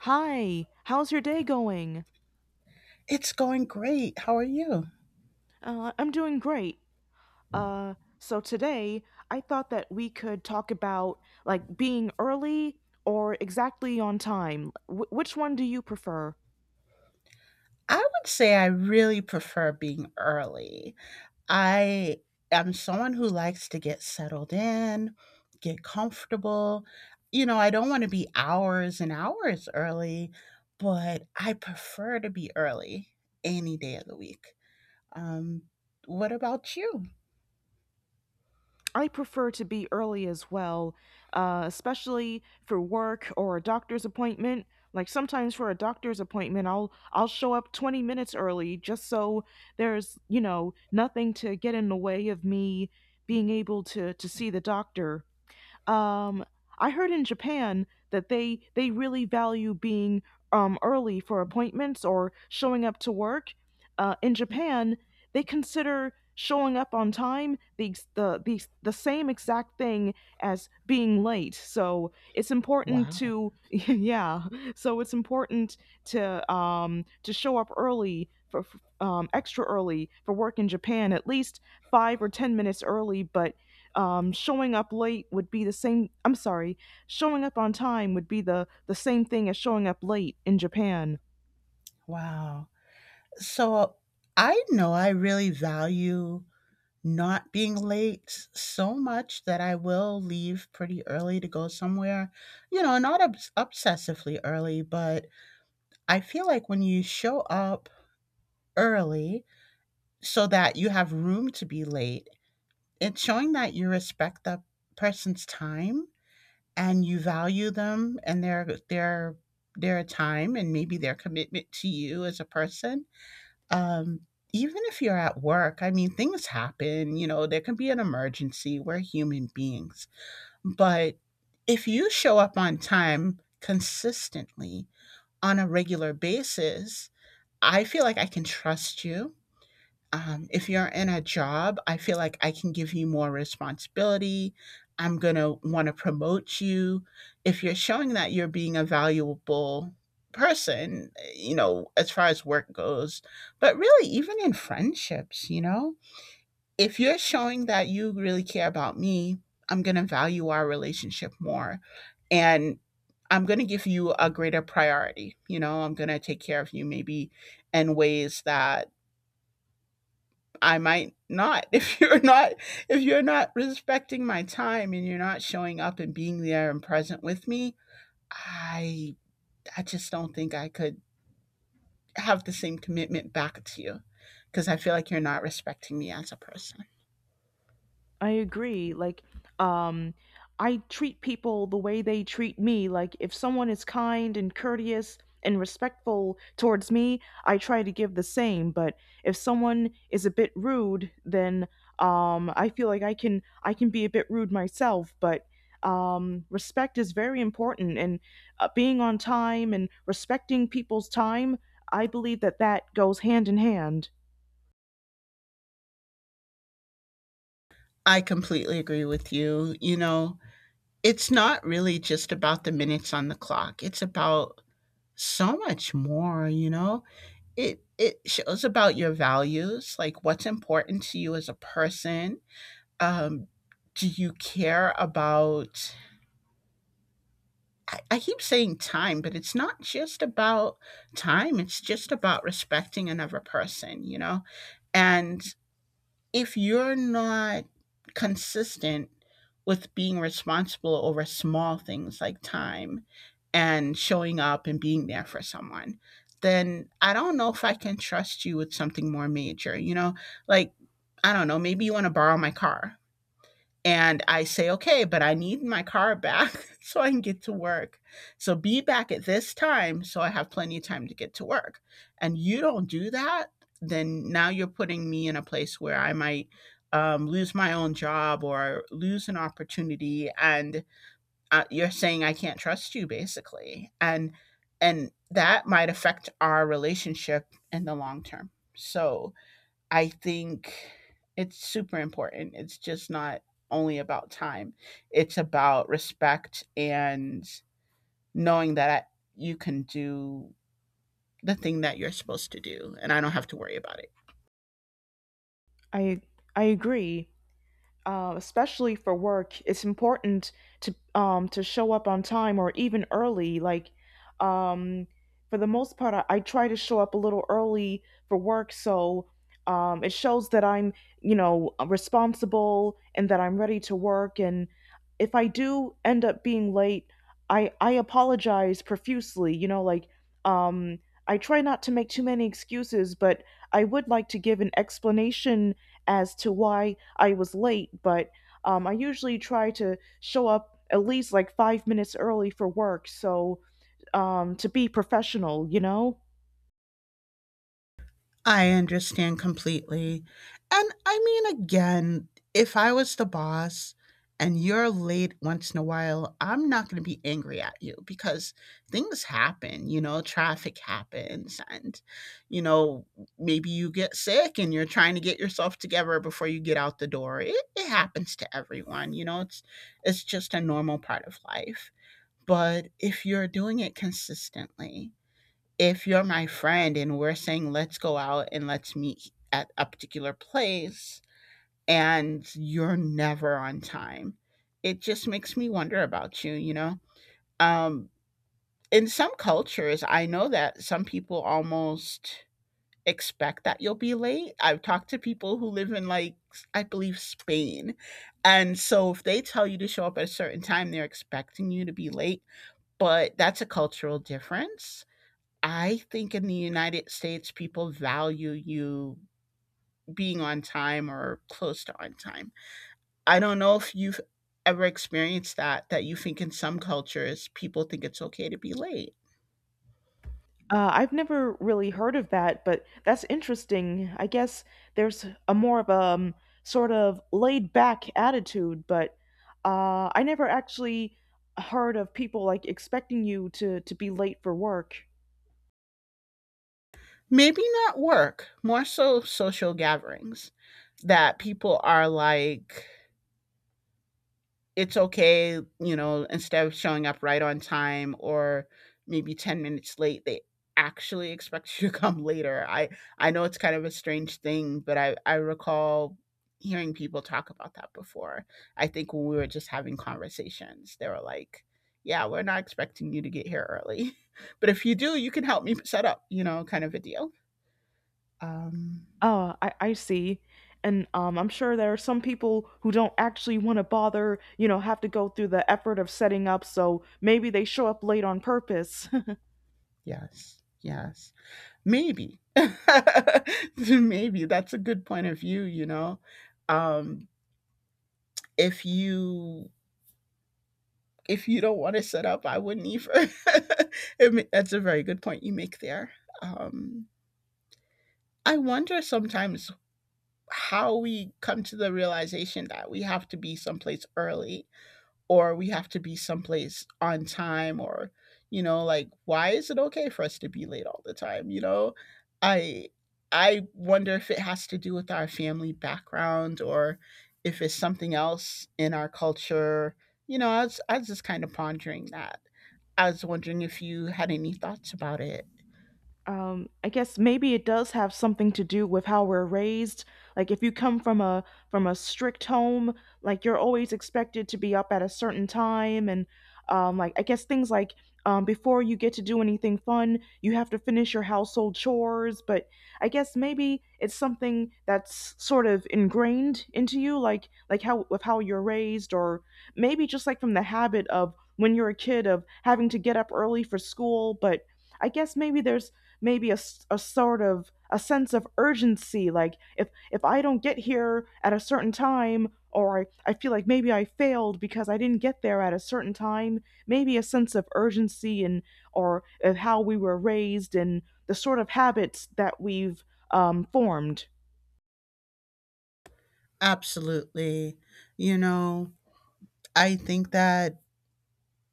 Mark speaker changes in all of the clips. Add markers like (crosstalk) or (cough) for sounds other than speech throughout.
Speaker 1: Hi, how's your day going?
Speaker 2: It's going great. How are you?
Speaker 1: I'm doing great. So today I thought that we could talk about like being early or exactly on time. Wh which one do you prefer?
Speaker 2: I would say I really prefer being early. I am someone who likes to get settled in, get comfortable. You know, I don't want to be hours and hours early, but I prefer to be early any day of the week. Um, what about you?
Speaker 1: I prefer to be early as well, especially for work or a doctor's appointment. Like sometimes for a doctor's appointment, I'll show up 20 minutes early just so there's, you know, nothing to get in the way of me being able to see the doctor. Um, I heard in Japan that they really value being early for appointments or showing up to work. In Japan, they consider showing up on time the, ex- the same exact thing as being late. So it's important
Speaker 2: Wow.
Speaker 1: to (laughs) yeah. So it's important to show up early extra early for work in Japan, at least 5 or 10 minutes early, but showing up late would be the same. I'm sorry, showing up on time would be the same thing as showing up late in japan.
Speaker 2: Wow. So I know I really value not being late so much that I will leave pretty early to go somewhere. You know, not obsessively early, but I feel like when you show up early so that you have room to be late, it's showing that you respect that person's time and you value them and their time and maybe their commitment to you as a person. Um, Even if you're at work, I mean, things happen, you know, there can be an emergency. We're human beings. But if you show up on time consistently on a regular basis, I feel like I can trust you. If you're in a job, I feel like I can give you more responsibility. I'm going to want to promote you. If you're showing that you're being a valuable person, you know, as far as work goes, but really, even in friendships, you know, if you're showing that you really care about me, I'm going to value our relationship more. And I'm going to give you a greater priority. You know, I'm going to take care of you maybe in ways that I might not (laughs) if you're not respecting my time and you're not showing up and being there and present with me, I I just don't think I could have the same commitment back to you because I feel like you're not respecting me as a person.
Speaker 1: I agree. Like, um, I treat people the way they treat me. Like, if someone is kind and courteous and respectful towards me, I try to give the same. But if someone is a bit rude, then I feel like I can be a bit rude myself. But respect is very important, and being on time and respecting people's time, I believe that goes hand in hand.
Speaker 2: I completely agree with you. You know, it's not really just about the minutes on the clock. It's about so much more, you know. It shows about your values, like what's important to you as a person. Um, do you care about I keep saying time, but it's not just about time, it's just about respecting another person, you know? And if you're not consistent with being responsible over small things like time and showing up and being there for someone, then I don't know if I can trust you with something more major, you know? Like, I don't know, maybe you want to borrow my car. And I say, okay, but I need my car back (laughs) so I can get to work. So be back at this time so I have plenty of time to get to work. And you don't do that, then now you're putting me in a place where I might lose my own job or lose an opportunity. And you're saying I can't trust you, basically. And that might affect our relationship in the long term. So I think it's super important. It's just not only about time. It's about respect and knowing that you can do the thing that you're supposed to do and I don't have to worry about it.
Speaker 1: I I agree. Especially for work, it's important to show up on time or even early. Like, um, for the most part, I try to show up a little early for work, so it shows that I'm you know responsible and that I'm ready to work. And if I do end up being late, I apologize profusely. You know, like um, I try not to make too many excuses, but I would like to give an explanation as to why I was late, but I usually try to show up at least like 5 minutes early for work, so to be professional, you know?
Speaker 2: I understand completely. And I mean, again, if I was the boss and you're late once in a while, I'm not going to be angry at you because things happen, you know, traffic happens and, you know, maybe you get sick and you're trying to get yourself together before you get out the door. It happens to everyone, you know, it's just a normal part of life. But if you're doing it consistently, if you're my friend and we're saying let's go out and let's meet at a particular place and you're never on time, it just makes me wonder about you, you know. um in some cultures I know that some people almost expect that you'll be late. I've talked to people who live in, like, I believe Spain, and so if they tell you to show up at a certain time, they're expecting you to be late. But that's a cultural difference. I think in the United States, people value you being on time or close to on time. I don't know if you've ever experienced that, that you think in some cultures, people think it's okay to be late.
Speaker 1: I've never really heard of that, but that's interesting. I guess there's a more of a sort of laid back attitude, but I never actually heard of people like expecting you to be late for work.
Speaker 2: Maybe not work, more so social gatherings, that people are like, it's okay, you know, instead of showing up right on time or maybe 10 minutes late, they actually expect (laughs) you to come later. I know it's kind of a strange thing, but I recall hearing people talk about that before. I think when we were just having conversations, they were like, "Yeah, we're not expecting you to get here early, (laughs) but if you do, you can help me set up," you know, kind of a deal. Um
Speaker 1: Oh, I see. And I'm sure there are some people who don't actually want to bother, you know, have to go through the effort of setting up, so maybe they show up late on purpose.
Speaker 2: yes. Yes. Maybe (laughs) maybe that's a good point of view, you know. um if you, if you don't want to set up, I wouldn't either. (laughs) That's a very good point you make there. um I wonder sometimes how we come to the realization that we have to be someplace early or we have to be someplace on time, or, you know, like why is it okay for us to be late all the time, you know. I i wonder if it has to do with our family background or if it's something else in our culture. You know, I was just kind of pondering that. I was wondering if you had any thoughts about it.
Speaker 1: I guess maybe it does have something to do with how we're raised. Like if you come from a strict home, like you're always expected to be up at a certain time, and like I guess things like before you get to do anything fun, you have to finish your household chores. But I guess maybe it's something that's sort of ingrained into you, like how with how you're raised, or maybe just like from the habit of when you're a kid of having to get up early for school, but I guess maybe there's maybe a sort of a sense of urgency like if I don't get here at a certain time or I feel like maybe I failed because I didn't get there at a certain time, maybe a sense of urgency and or of how we were raised and the sort of habits that we've formed.
Speaker 2: Absolutely. You know, I think that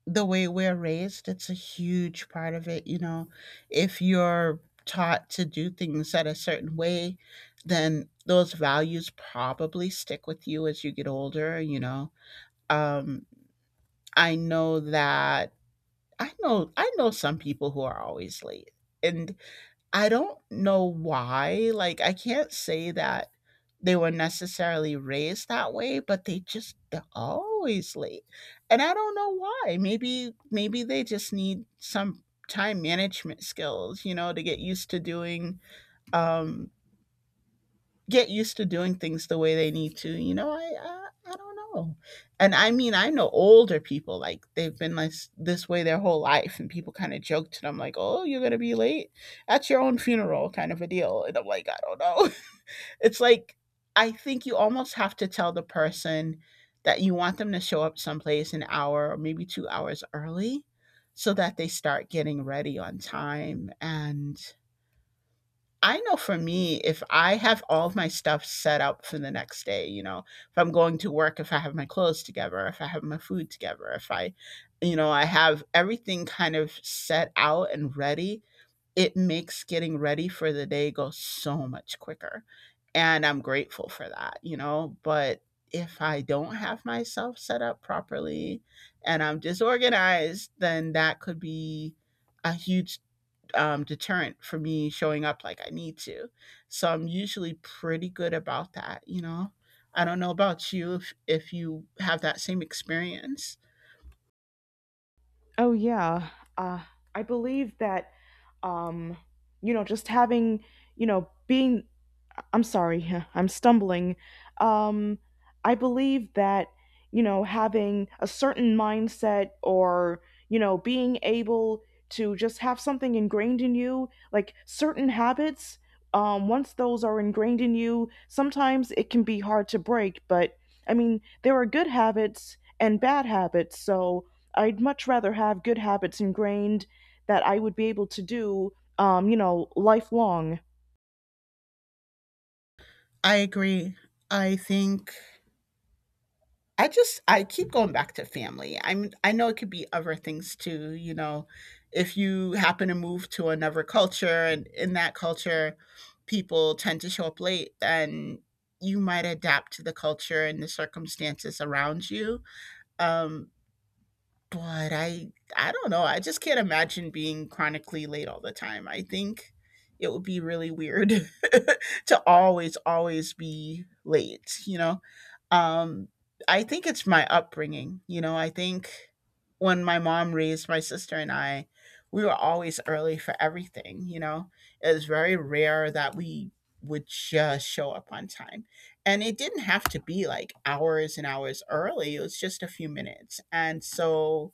Speaker 2: the way we're raised, it's a huge part of it. You know, if you're taught to do things at a certain way, then those values probably stick with you as you get older, you know. Um, I know that I know some people who are always late. And I don't know why. Like, I can't say that they were necessarily raised that way, but they're always late. And I don't know why. Maybe they just need some time management skills, you know, to get used to doing um things the way they need to. You know, I don't know, and I mean I know older people like they've been like this way their whole life, and people kind of joke to them like, "Oh, you're gonna be late at your own funeral," kind of a deal. And I'm like, I don't know. (laughs) It's like I think you almost have to tell the person that you want them to show up someplace an hour or maybe 2 hours early so that they start getting ready on time. And I know for me, if I have all of my stuff set up for the next day, you know, if I'm going to work, if I have my clothes together, if I have my food together, if I, you know, I have everything kind of set out and ready, it makes getting ready for the day go so much quicker. And I'm grateful for that, you know, but if I don't have myself set up properly and I'm disorganized, then that could be a huge deterrent for me showing up like I need to. So I'm usually pretty good about that, you know. I don't know about you if you have that same experience.
Speaker 1: Oh yeah. uh, I believe that um, you know just having you know being I'm sorry, (laughs) I'm stumbling. Um, I believe that, you know, having a certain mindset or, you know, being able to just have something ingrained in you, like certain habits, once those are ingrained in you, sometimes it can be hard to break. But, I mean, there are good habits and bad habits. So I'd much rather have good habits ingrained that I would be able to do, you know, lifelong.
Speaker 2: I agree. I think I keep going back to family. I know it could be other things too, you know. If you happen to move to another culture and in that culture people tend to show up late, then you might adapt to the culture and the circumstances around you. Um, But I don't know. I just can't imagine being chronically late all the time. I think it would be really weird (laughs) to always always be late, you know. Um I think it's my upbringing, you know. I think when my mom raised my sister and I, we were always early for everything, you know. It was very rare that we would just show up on time. And it didn't have to be like hours and hours early. It was just a few minutes. And so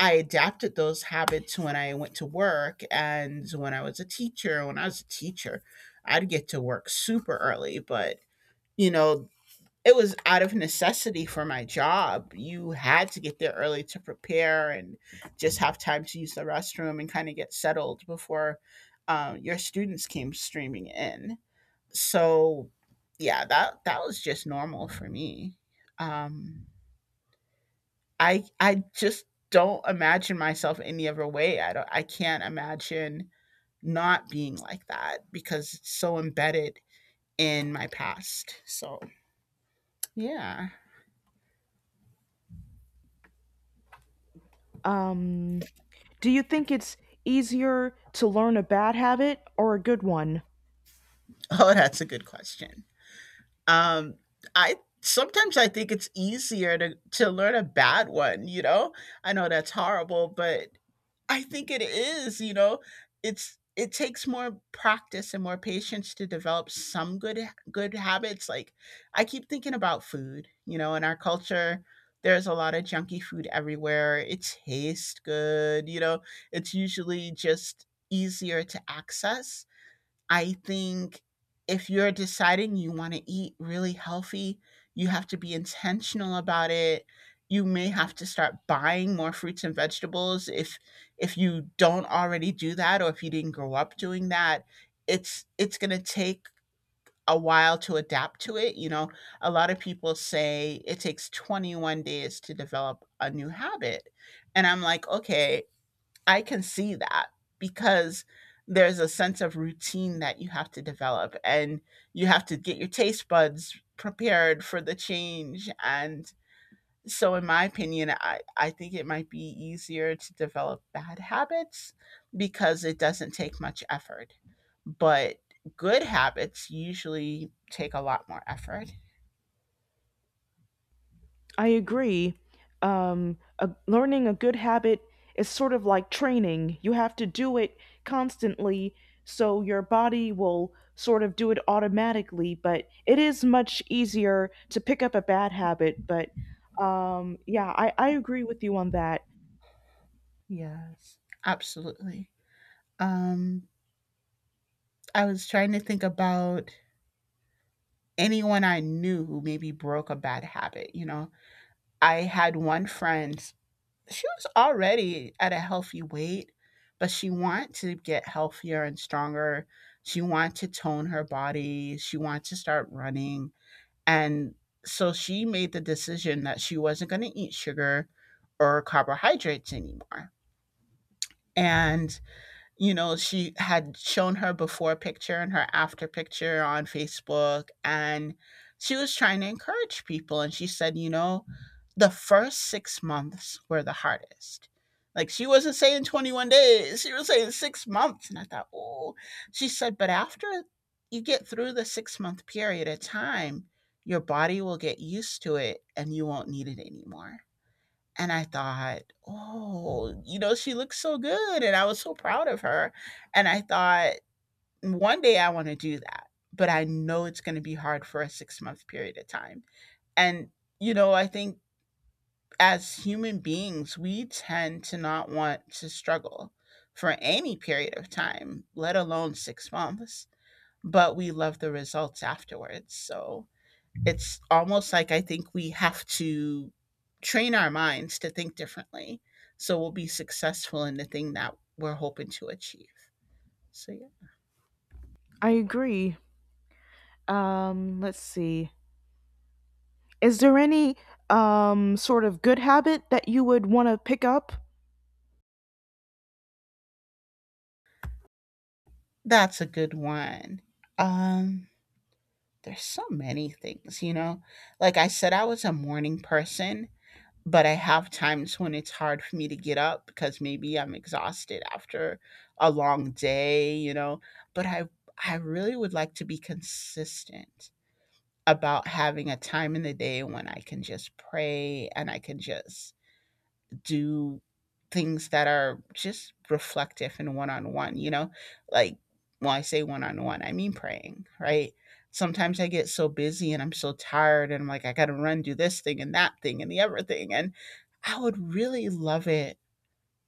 Speaker 2: I adapted those habits when I went to work and when I was a teacher. When I was a teacher, I'd get to work super early, but, you know, it was out of necessity for my job. You had to get there early to prepare and just have time to use the restroom and kind of get settled before your students came streaming in. So, yeah, that was just normal for me. Um, I just don't imagine myself any other way. I can't imagine not being like that because it's so embedded in my past. So, yeah. (laughs)
Speaker 1: Um, Do you think it's easier to learn a bad habit or a good one?
Speaker 2: Oh, that's a good question. Um I sometimes I think it's easier to learn a bad one, you know? I know that's horrible, but I think it is, you know. It takes more practice and more patience to develop some good habits. Like I keep thinking about food, you know, in our culture there's a lot of junky food everywhere. It tastes good, you know. It's usually just easier to access, I think. If you're deciding you want to eat really healthy, you have to be intentional about it. You may have to start buying more fruits and vegetables, if you don't already do that, or if you didn't grow up doing that. It's going to take a while to adapt to it, you know. A lot of people say it takes 21 days to develop a new habit. And I'm like, "Okay, I can see that, because there's a sense of routine that you have to develop, and you have to get your taste buds prepared for the change." And so, in my opinion, I think it might be easier to develop bad habits because it doesn't take much effort. But good habits usually take a lot more effort.
Speaker 1: I agree. Learning a good habit is sort of like training. You have to do it constantly, so your body will sort of do it automatically. But it is much easier to pick up a bad habit. But yeah, I agree with you on that.
Speaker 2: Yes, absolutely. Um, I was trying to think about anyone I knew who maybe broke a bad habit. You know, I had one friend, she was already at a healthy weight, but she wanted to get healthier and stronger. She wanted to tone her body, she wanted to start running. And so she made the decision that she wasn't going to eat sugar or carbohydrates anymore. And you know, she had shown her before picture and her after picture on Facebook. And she was trying to encourage people. And she said, you know, the first 6 months were the hardest. Like, she wasn't saying 21 days, she was saying 6 months. And I thought, oh, she said, but after you get through the 6 month period of time, your body will get used to it and you won't need it anymore. And I thought, "Oh, you know, she looks so good," and I was so proud of her, and I thought, "One day I wanna do that, but I know it's gonna be hard for a six-month period of time." And, you know, I think as human beings, we tend to not want to struggle for any period of time, let alone 6 months, but we love the results afterwards. So it's almost like, I think we have to train our minds to think differently so we'll be successful in the thing that we're hoping to achieve. So yeah,
Speaker 1: I agree. Let's see. Is there any sort of good habit that you would want to pick up?
Speaker 2: that's a good one. Um there's so many things, you know. Like I said, I was a morning person, but I have times when it's hard for me to get up because maybe I'm exhausted after a long day, you know, but I really would like to be consistent about having a time in the day when I can just pray and I can just do things that are just reflective and one on one, you know? Like, when I say one on one, I mean praying, right? Sometimes I get so busy and I'm so tired and I'm like, I got to run, do this thing and that thing and the other thing. And I would really love it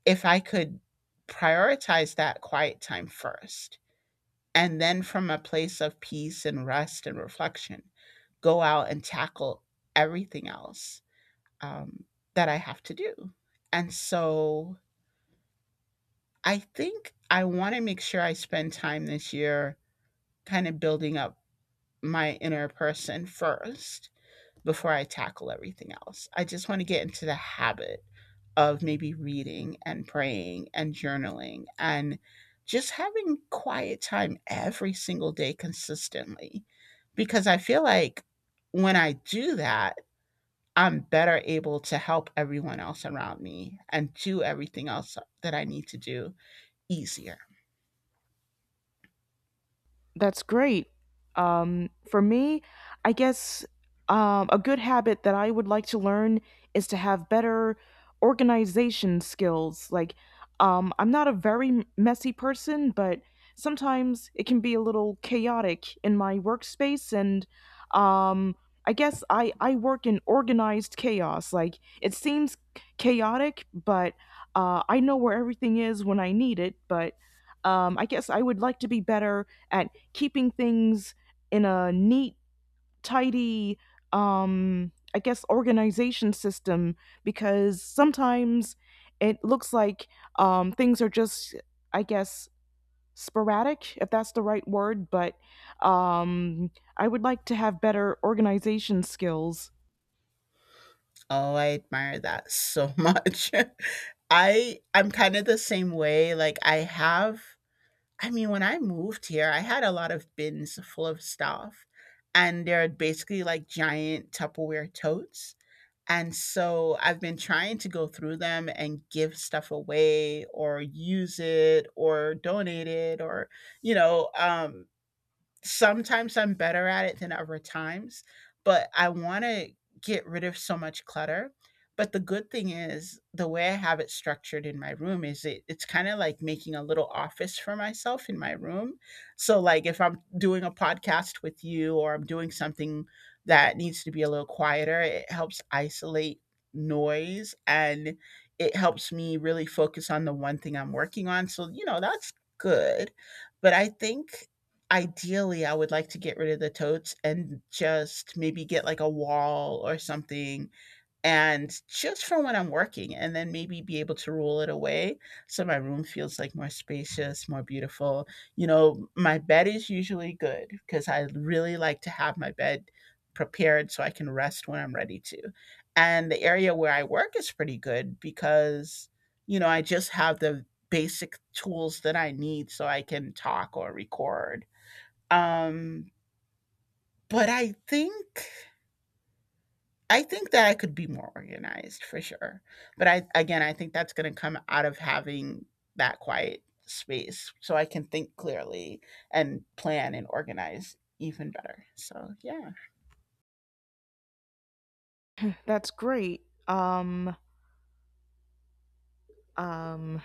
Speaker 2: if I could prioritize that quiet time first. And then from a place of peace and rest and reflection, go out and tackle everything else, um, that I have to do. And so I think I want to make sure I spend time this year kind of building up my inner person first before I tackle everything else. I just want to get into the habit of maybe reading and praying and journaling and just having quiet time every single day consistently, because I feel like when I do that, I'm better able to help everyone else around me and do everything else that I need to do easier.
Speaker 1: That's great. For me, I guess a good habit that I would like to learn is to have better organization skills. Like, I'm not a very messy person, but sometimes it can be a little chaotic in my workspace. And um, I guess I work in organized chaos. Like, it seems chaotic, but I know where everything is when I need it. But I guess I would like to be better at keeping things in a neat, tidy, I guess, organization system because sometimes it looks like things are just, I guess, sporadic, if that's the right word, but um, I would like to have better organization skills.
Speaker 2: Oh, I admire that so much. (laughs) I'm kind of the same way. Like I have, I mean, when I moved here, I had a lot of bins full of stuff and they're basically like giant Tupperware totes. And so I've been trying to go through them and give stuff away or use it or donate it, or you know. Sometimes I'm better at it than other times, but I want to get rid of so much clutter. But the good thing is the way I have it structured in my room is, it's kind of like making a little office for myself in my room. So like if I'm doing a podcast with you, or I'm doing something that needs to be a little quieter, it helps isolate noise, and it helps me really focus on the one thing I'm working on. So, you know, that's good. But I think ideally I would like to get rid of the totes and just maybe get like a wall or something, and just for when I'm working, and then maybe be able to roll it away so my room feels like more spacious, more beautiful. You know, my bed is usually good because I really like to have my bed prepared so I can rest when I'm ready to. And the area where I work is pretty good because, you know, I just have the basic tools that I need so I can talk or record, um, but I think that I could be more organized for sure. But I, again, I think that's going to come out of having that quiet space so I can think clearly and plan and organize even better. So, yeah,
Speaker 1: That's great. Um, um,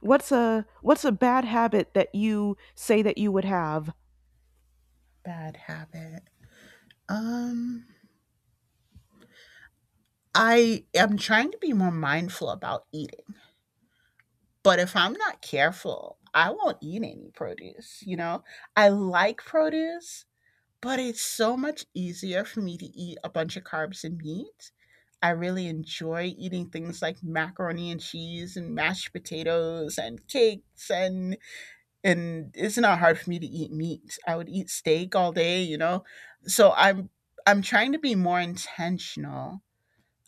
Speaker 1: what's a bad habit that you say that you would have?
Speaker 2: bad habit. Um I am trying to be more mindful about eating. But if I'm not careful, I won't eat any produce, you know? I like produce, but it's so much easier for me to eat a bunch of carbs and meat. I really enjoy eating things like macaroni and cheese and mashed potatoes and cakes, and it's not hard for me to eat meat. I would eat steak all day, you know. So I'm trying to be more intentional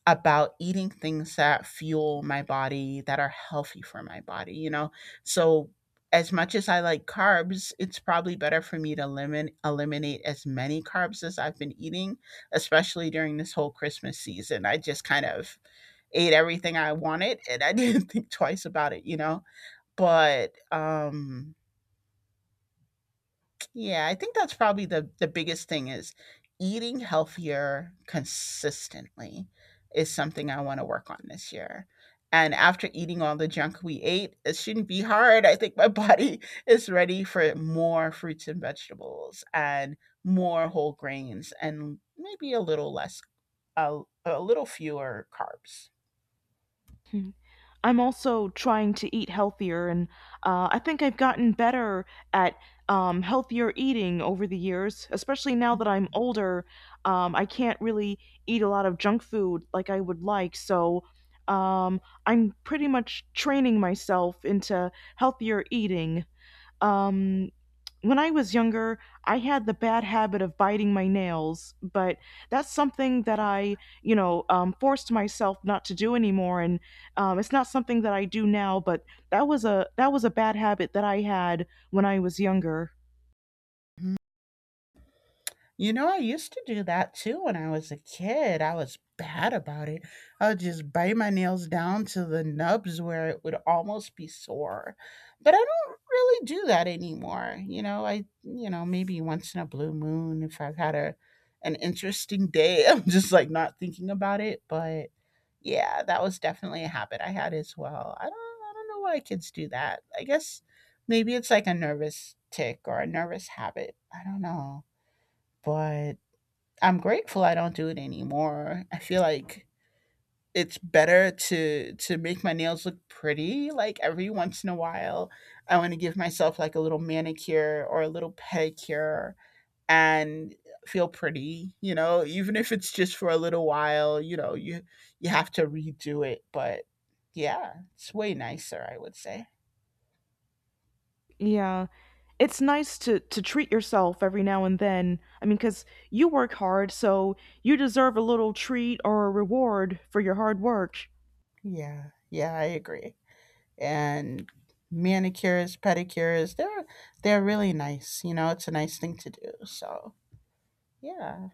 Speaker 2: about eating things that fuel my body, that are healthy for my body, you know? So, as much as I like carbs, it's probably better for me to limit, eliminate as many carbs as I've been eating, especially during this whole Christmas season. I just kind of ate everything I wanted and I (laughs) didn't think twice about it, you know? But yeah, I think that's probably the biggest thing is eating healthier consistently is something I want to work on this year. And after eating all the junk we ate, it shouldn't be hard. I think my body (laughs) is ready for more fruits and vegetables and more whole grains and maybe a little less, a little fewer carbs.
Speaker 1: I'm also trying to eat healthier, and I think I've gotten better at healthier eating over the years, especially now that I'm older. I can't really eat a lot of junk food like I would like, so I'm pretty much training myself into healthier eating. Um, when I was younger, I had the bad habit of biting my nails, but that's something that I, you know, forced myself not to do anymore, and it's not something that I do now. But that was a bad habit that I had when I was younger.
Speaker 2: You know, I used to do that too when I was a kid. I was bad about it. I would just bite my nails down to the nubs where it would almost be sore. But I don't really do that anymore. You know, I, you know, maybe once in a blue moon, if I've had a an interesting day, (laughs) I'm just like not thinking about it, but yeah, that was definitely a habit I had as well. I don't know why kids do that. I guess maybe it's like a nervous tick or a nervous habit. I don't know, but I'm grateful I don't do it anymore. I feel like it's better to make my nails look pretty, like every once in a while. I want to give myself like a little manicure or a little pedicure and feel pretty, you know, even if it's just for a little while, you know, you have to redo it, but yeah, it's way nicer, I would say.
Speaker 1: Yeah, it's nice to treat yourself every now and then. I mean, because you work hard, so you deserve a little treat or a reward for your hard work.
Speaker 2: Yeah, yeah, I agree. And manicures, pedicures. They're really nice. You know, it's a nice thing to do. So yeah,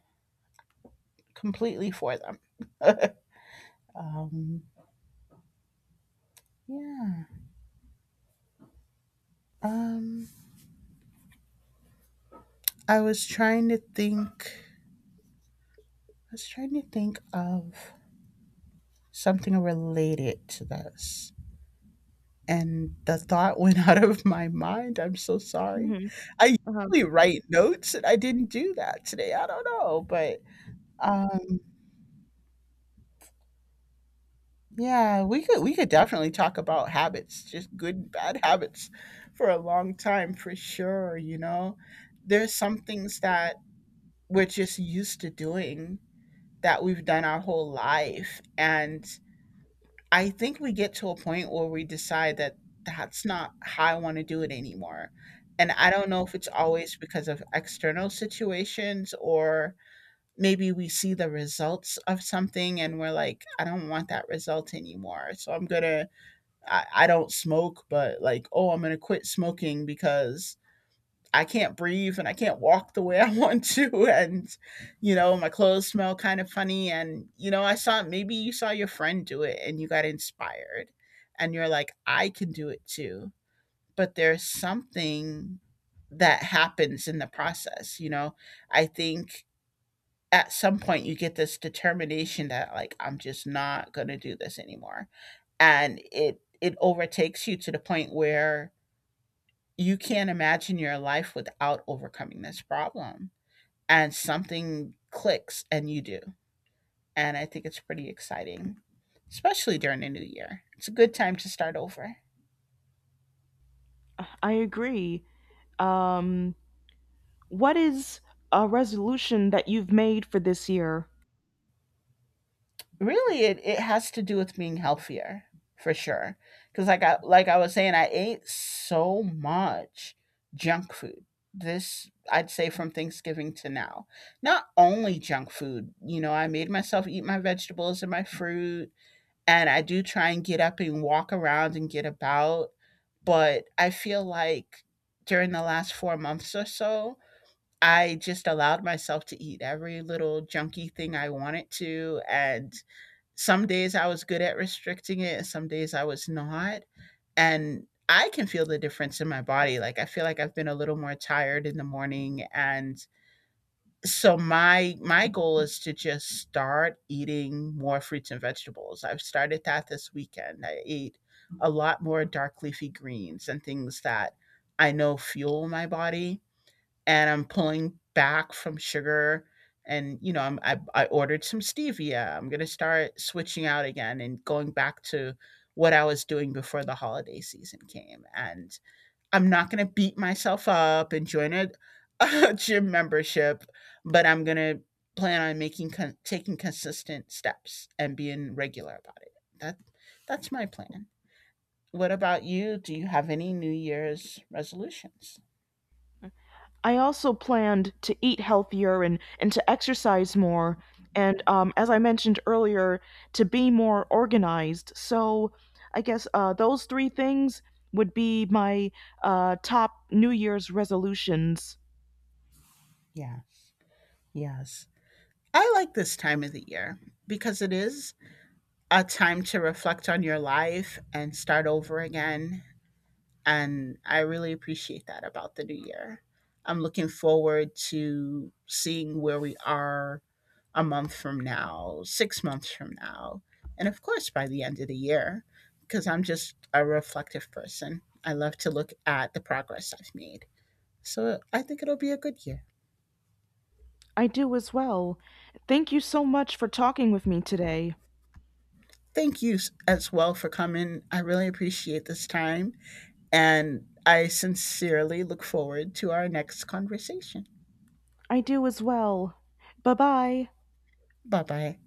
Speaker 2: completely for them. (laughs) um, yeah. Um, I was trying to think. I was trying to think of something related to this, and the thought (laughs) went out of my mind. I'm so sorry.
Speaker 1: Mhm.
Speaker 2: I
Speaker 1: Uh-huh.
Speaker 2: usually write notes, and I didn't do that today. I don't know, but um, yeah, we could definitely talk about habits, just good bad (laughs) habits for a long time for sure, you know. There's some things that we're just used to doing that we've done our whole life, and I think we get to a point where we decide that that's not how I want to do it anymore. And I don't know if it's always because of external situations, or maybe we see the results of something and we're like, I don't want that result anymore. So I'm going to, I don't smoke, but like, oh, I'm gonna quit smoking because I can't breathe and I can't walk the way I (laughs) want to, and you know, my clothes smell kind of funny. And you know, I saw, maybe you saw your friend do it and you got inspired, and you're like, I can do it too. But there's something that happens in the process, you know. I think at some point you get this determination that like I'm just not going to do this anymore. And it overtakes you to the point where you can't imagine your life without overcoming this problem. And something clicks and you do. And I think it's pretty exciting, especially during the new year. It's a good time to start over.
Speaker 1: I agree. Um, What is a resolution that you've made for this year?
Speaker 2: Really, it has to do with being healthier for sure, because like I, was saying, I ate so much junk food this, I'd say, from Thanksgiving to now. Not only junk food, you know, I made myself eat my vegetables and my fruit, and I do try and get up and walk around and get about, but I feel like during the last 4 months or so, I just allowed myself to eat every little junky thing I wanted to, and some days I was good at restricting it and some days I was not. And I can feel the difference in my body. Like I feel like I've been a little more tired in the morning. And so my goal is to just start eating more fruits and vegetables. I've started that this weekend. I ate a lot more dark leafy greens and things that I know fuel my body, and I'm pulling back from sugar. And you know, I'm, I ordered some stevia. I'm gonna start switching out again and going back to what I was doing before the holiday season came. And I'm not gonna beat myself up and join a, (laughs) a gym membership, but I'm gonna plan on making taking consistent steps and being regular about it. That that's my plan. What about you? Do you have any New Year's resolutions?
Speaker 1: I also planned to eat healthier and to exercise more. And as I mentioned earlier, to be more organized. So I guess those three things would be my top New Year's resolutions.
Speaker 2: Yeah. Yes. I like this time of the year because it is a time to reflect on your life and start over again. And I really appreciate that about the new year. I'm looking forward to seeing where we are a month from now, 6 months from now, and of course by the end of the year, because I'm just a reflective person. I love to look at the progress I've made. So I think it'll be a good year.
Speaker 1: I do as well. Thank you so much for talking with me today.
Speaker 2: Thank you as well for coming. I really appreciate this time, and I sincerely look forward to our next conversation.
Speaker 1: I do as well. Bye bye.
Speaker 2: Bye bye.